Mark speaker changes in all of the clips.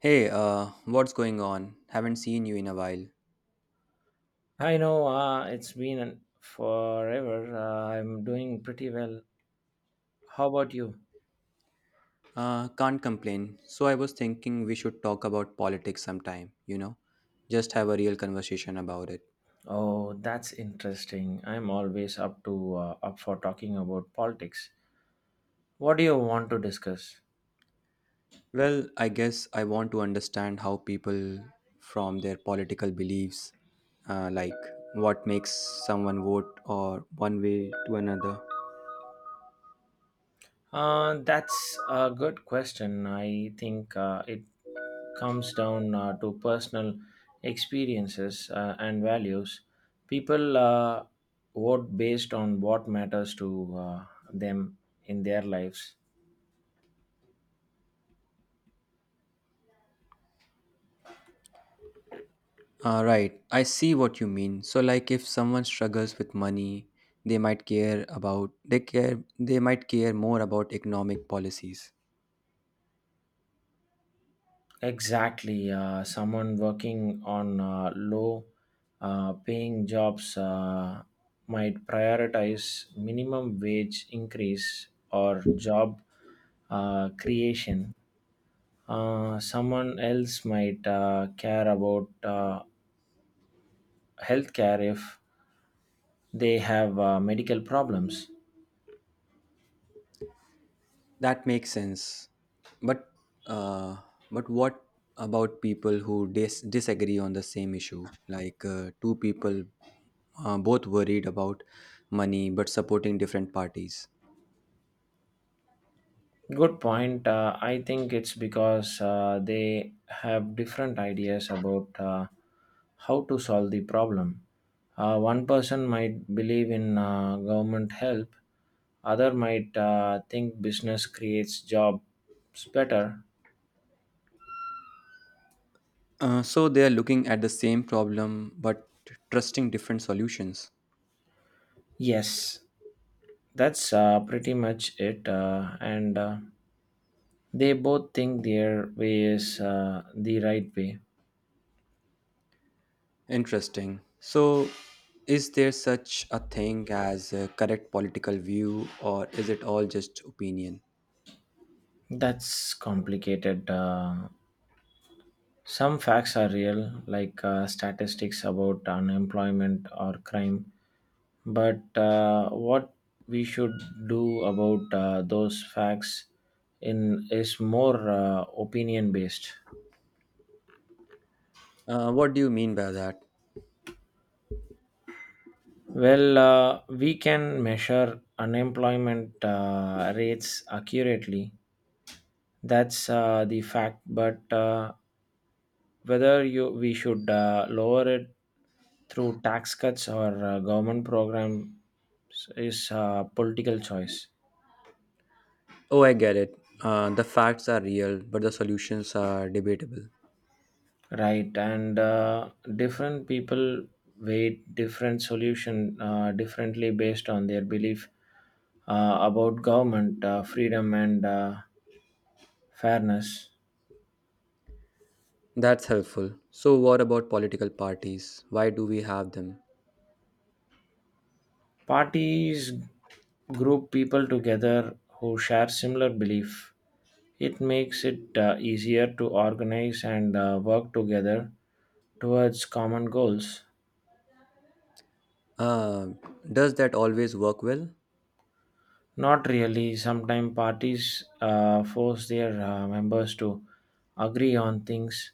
Speaker 1: Hey, what's going on? Haven't seen you in a while.
Speaker 2: I know it's been forever. I'm doing pretty well. How about you?
Speaker 1: Can't complain. So I was thinking we should talk about politics sometime, you know? Just have a real conversation about it.
Speaker 2: Oh, that's interesting. I'm always up for talking about politics. What do you want to discuss?
Speaker 1: Well, I guess I want to understand how people from their political beliefs, like what makes someone vote or one way to another.
Speaker 2: That's a good question. I think it comes down to personal experiences and values. People vote based on what matters to them in their lives.
Speaker 1: Right, I see what you mean. So, like, if someone struggles with money, they might care about they might care more about economic policies.
Speaker 2: Exactly. Someone working on low paying jobs might prioritize minimum wage increase or job creation. Someone else might care about healthcare if they have medical problems.
Speaker 1: That makes sense. But uh, but what about people who disagree on the same issue? Like two people both worried about money but supporting different parties.
Speaker 2: Good point. I think it's because they have different ideas about how to solve the problem. One person might believe in government help, other might think business creates jobs better.
Speaker 1: So they are looking at the same problem but trusting different solutions.
Speaker 2: Yes, that's pretty much it. And they both think their way is the right way.
Speaker 1: Interesting. So is there such a thing as a correct political view or is it all just opinion?
Speaker 2: That's complicated. Some facts are real, like statistics about unemployment or crime, but what we should do about those facts in is more opinion based.
Speaker 1: What do you mean by that?
Speaker 2: Well, we can measure unemployment rates accurately. That's the fact. But whether you we should lower it through tax cuts or government programs is a political choice.
Speaker 1: Oh, I get it. The facts are real, but the solutions are debatable.
Speaker 2: Right, and different people weigh different solution differently based on their belief about government freedom and fairness.
Speaker 1: That's helpful. So, what about political parties? Why do we have them?
Speaker 2: Parties group people together who share similar belief. It makes it easier to organize and work together towards common goals.
Speaker 1: Uh, does that always work well?
Speaker 2: Not really. Sometimes parties force their members to agree on things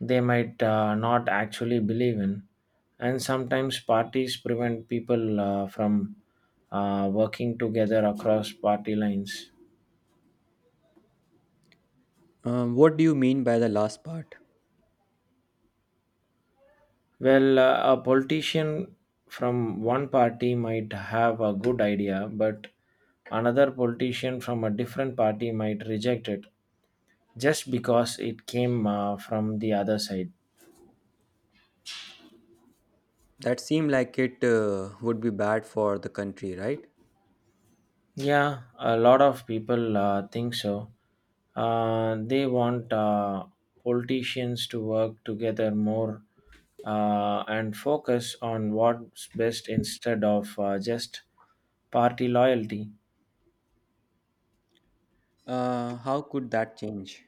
Speaker 2: they might not actually believe in. And sometimes parties prevent people from working together across party lines.
Speaker 1: What do you mean by the last part?
Speaker 2: Well, a politician from one party might have a good idea, but another politician from a different party might reject it just because it came from the other side.
Speaker 1: That seemed like it would be bad for the country, right?
Speaker 2: Yeah, a lot of people think so. They want politicians to work together more and focus on what's best instead of just party loyalty.
Speaker 1: How could that change?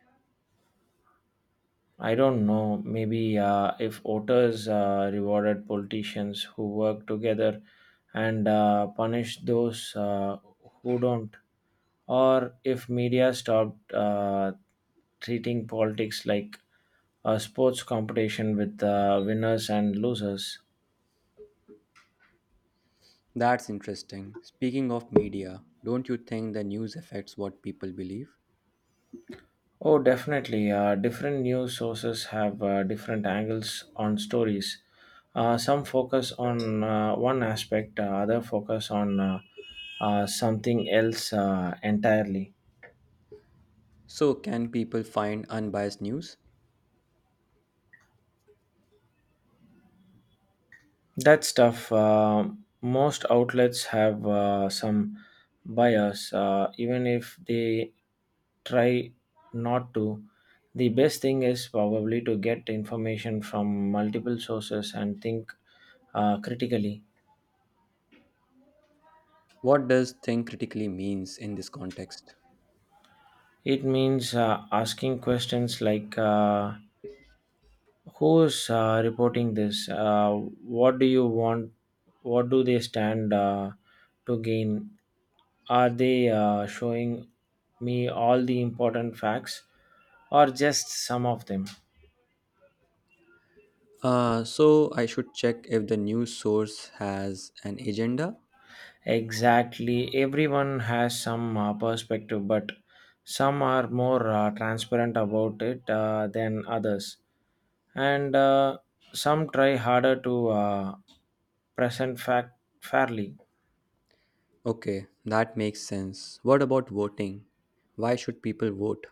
Speaker 2: I don't know. Maybe if voters rewarded politicians who work together and punished those who don't, or if media stopped treating politics like a sports competition with winners and losers.
Speaker 1: That's interesting. Speaking of media, don't you think the news affects what people believe?
Speaker 2: Oh, definitely. Different news sources have different angles on stories. Some focus on one aspect, other focus on something else entirely.
Speaker 1: So, can people find unbiased news?
Speaker 2: That stuff. Most outlets have some bias, even if they try not to. The best thing is probably to get information from multiple sources and think critically.
Speaker 1: What does think critically means in this context?
Speaker 2: It means asking questions like who's reporting this? What do you want? What do they stand to gain? Are they showing me all the important facts or just some of them?
Speaker 1: So I should check if the news source has an agenda?
Speaker 2: Exactly. Everyone has some perspective, but some are more transparent about it than others. And some try harder to present fact fairly.
Speaker 1: Okay, that makes sense. What about voting? Why should people vote?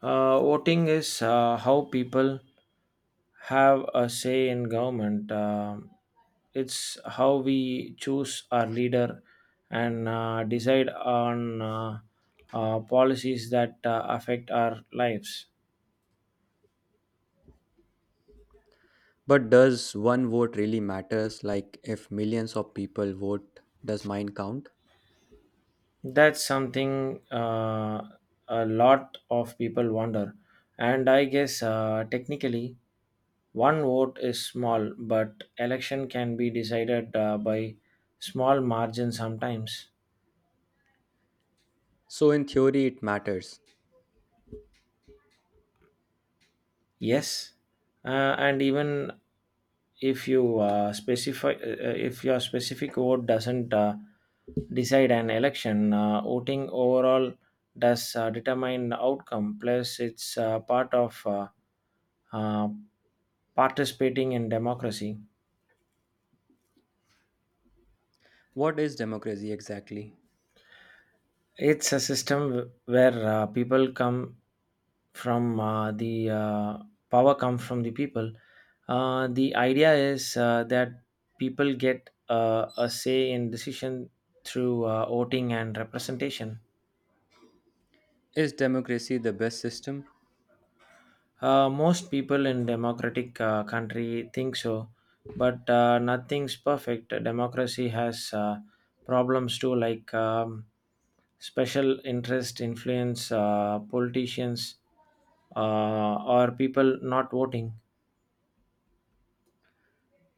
Speaker 2: Voting is how people have a say in government. It's how we choose our leader and decide on policies that affect our lives.
Speaker 1: But does one vote really matters? Like if millions of people vote, does mine count?
Speaker 2: That's something a lot of people wonder. And I guess technically, one vote is small, but election can be decided by small margin sometimes.
Speaker 1: So in theory it matters.
Speaker 2: Yes, and even if your specific vote doesn't decide an election, voting overall does determine the outcome. Plus, it's part of uh, participating in democracy.
Speaker 1: What is democracy exactly?
Speaker 2: It's a system where people come from the power comes from the people. The idea is that people get a say in decision through voting and representation.
Speaker 1: Is democracy the best system?
Speaker 2: Most people in democratic country think so, but nothing's perfect. Democracy has problems too, like special interest influence politicians or people not voting.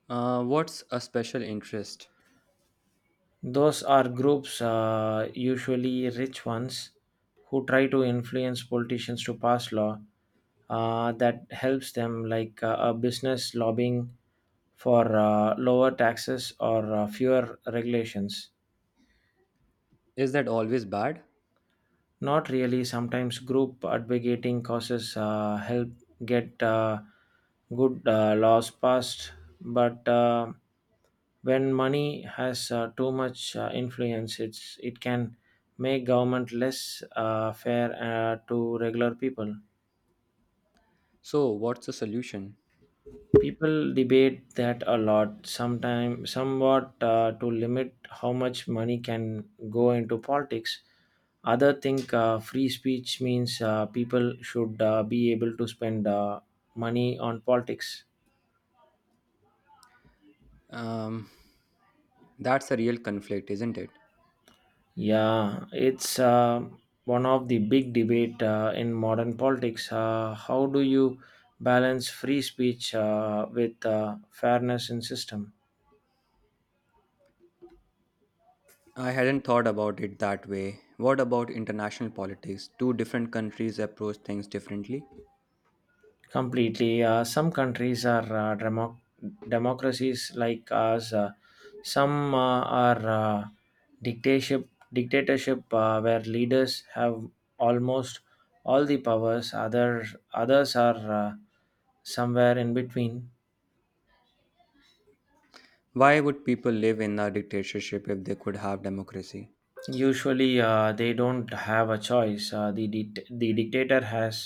Speaker 1: What's a special interest?
Speaker 2: Those are groups, usually rich ones, who try to influence politicians to pass law that helps them, like a business lobbying for lower taxes or fewer regulations.
Speaker 1: Is that always bad?
Speaker 2: Not really. Sometimes group advocating causes help get good laws passed, but when money has too much influence, it can make government less fair to regular people.
Speaker 1: So what's the solution?
Speaker 2: People debate that a lot, sometimes somewhat to limit how much money can go into politics. Other think free speech means people should be able to spend money on politics.
Speaker 1: Um, that's a real conflict, isn't it?
Speaker 2: Yeah, it's one of the big debate in modern politics. How do you balance free speech with fairness in system?
Speaker 1: I hadn't thought about it that way. What about international politics? Do different countries approach things differently?
Speaker 2: Completely. Some countries are democracies like us. Some are dictatorship where leaders have almost all the powers. Others are somewhere in between.
Speaker 1: Why would people live in a dictatorship if they could have democracy?
Speaker 2: Usually, they don't have a choice. The dictator has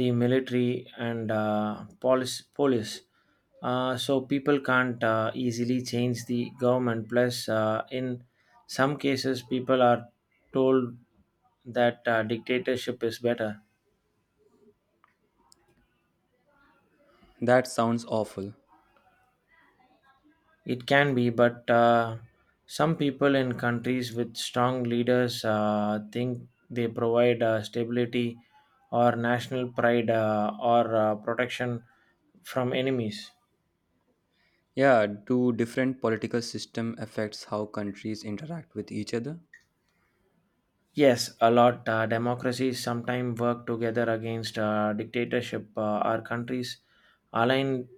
Speaker 2: the military and police. So people can't easily change the government. Plus, in some cases, people are told that dictatorship is better.
Speaker 1: That sounds awful.
Speaker 2: It can be, but some people in countries with strong leaders think they provide stability or national pride or protection from enemies.
Speaker 1: Yeah, do different political system affects how countries interact with each other?
Speaker 2: Yes, a lot. Democracies sometimes work together against dictatorship. Our countries align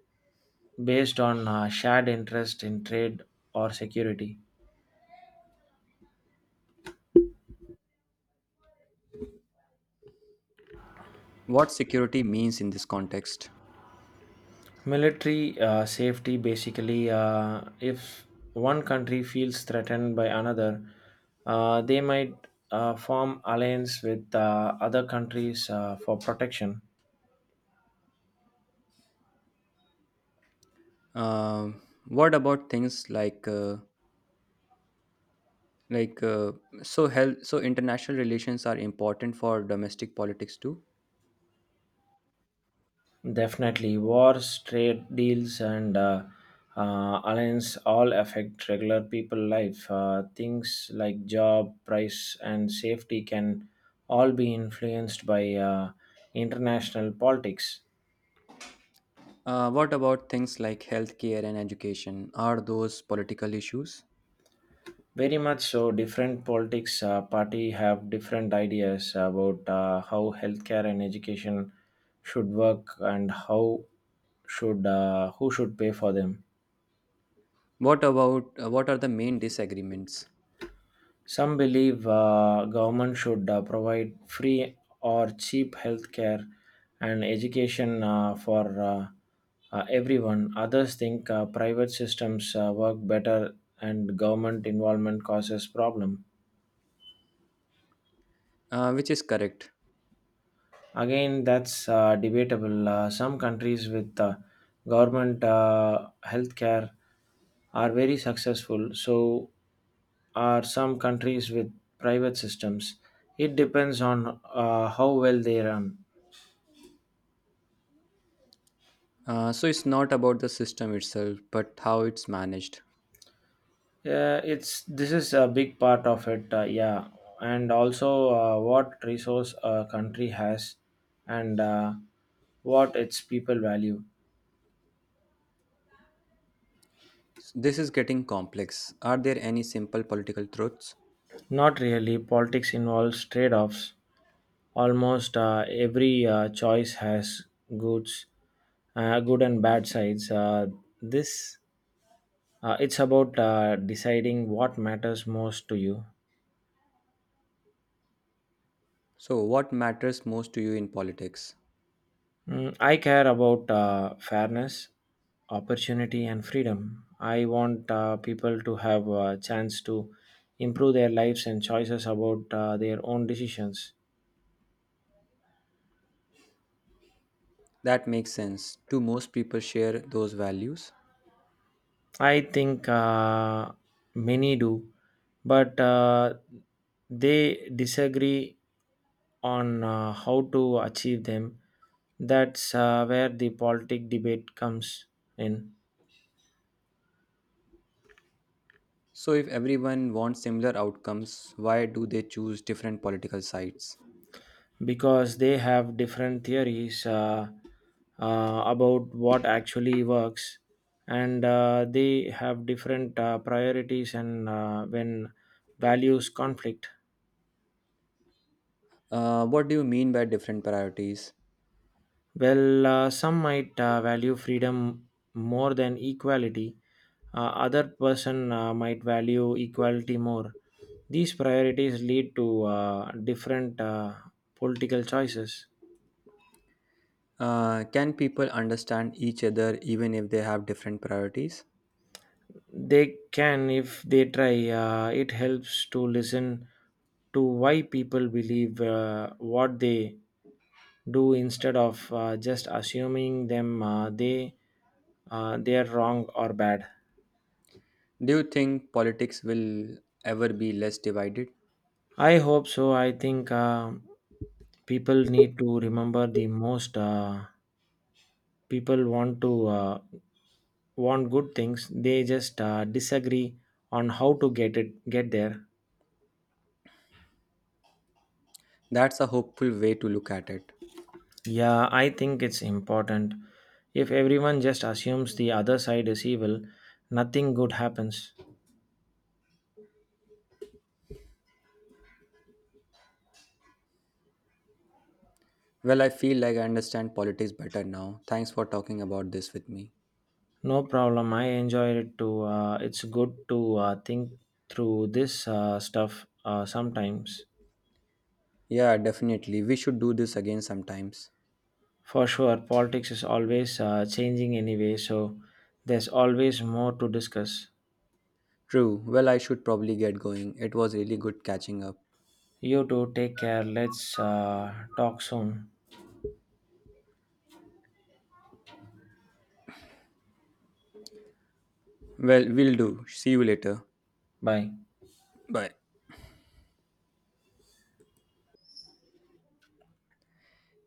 Speaker 2: based on shared interest in trade or security.
Speaker 1: What security means in this context?
Speaker 2: Military safety basically, if one country feels threatened by another, they might form alliance with other countries for protection.
Speaker 1: Um, what about things like like uh, so international relations are important for domestic politics too.
Speaker 2: Definitely, wars, trade deals, and alliance all affect regular people life. Things like job, price, and safety can all be influenced by international politics.
Speaker 1: What about things like healthcare and education? Are those political issues?
Speaker 2: Very much so. Different politics party have different ideas about how healthcare and education should work and how should who should pay for them.
Speaker 1: What about what are the main disagreements?
Speaker 2: Some believe government should provide free or cheap healthcare and education for everyone. Others think private systems work better and government involvement causes problem.
Speaker 1: Which is correct.
Speaker 2: Again, that's debatable. Some countries with government healthcare are very successful, so are some countries with private systems. It depends on how well they run.
Speaker 1: So it's not about the system itself, but how it's managed.
Speaker 2: Yeah, it's this is a big part of it. Yeah, and also what resource a country has, and what its people value.
Speaker 1: This is getting complex. Are there any simple political truths?
Speaker 2: Not really. Politics involves trade-offs. Almost every choice has goods, good and bad sides. This It's about deciding what matters most to you.
Speaker 1: So, what matters most to you in politics?
Speaker 2: Mm, I care about fairness, opportunity, and freedom. I want people to have a chance to improve their lives and choices about their own decisions.
Speaker 1: That makes sense. Do most people share those values?
Speaker 2: I think many do, but they disagree on how to achieve them. That's where the politic debate comes in
Speaker 1: So, if everyone wants similar outcomes, why do they choose different political sides?
Speaker 2: because they have different theories about what actually works and they have different priorities and when values conflict.
Speaker 1: What do you mean by different priorities?
Speaker 2: Well, some might value freedom more than equality. Other person might value equality more. These priorities lead to different political choices.
Speaker 1: Can people understand each other even if they have different priorities?
Speaker 2: They can, if they try, it helps to listen to why people believe what they do instead of just assuming them they are wrong or bad.
Speaker 1: Do you think politics will ever be less divided?
Speaker 2: I hope so. I think people need to remember the most. People want to want good things. They just disagree on how to get there.
Speaker 1: That's a hopeful way to look at it.
Speaker 2: Yeah, I think it's important. If everyone just assumes the other side is evil, nothing good happens.
Speaker 1: Well, I feel like I understand politics better now. Thanks for talking about this with me.
Speaker 2: No problem. I enjoy it too. It's good to think through this stuff sometimes.
Speaker 1: Yeah, definitely. We should do this again sometimes.
Speaker 2: For sure, politics is always changing anyway, so there's always more to discuss.
Speaker 1: True. Well, I should probably get going. It was really good catching up.
Speaker 2: You too, take care. Let's talk soon.
Speaker 1: Well, we'll do. See you later.
Speaker 2: Bye.
Speaker 1: Bye.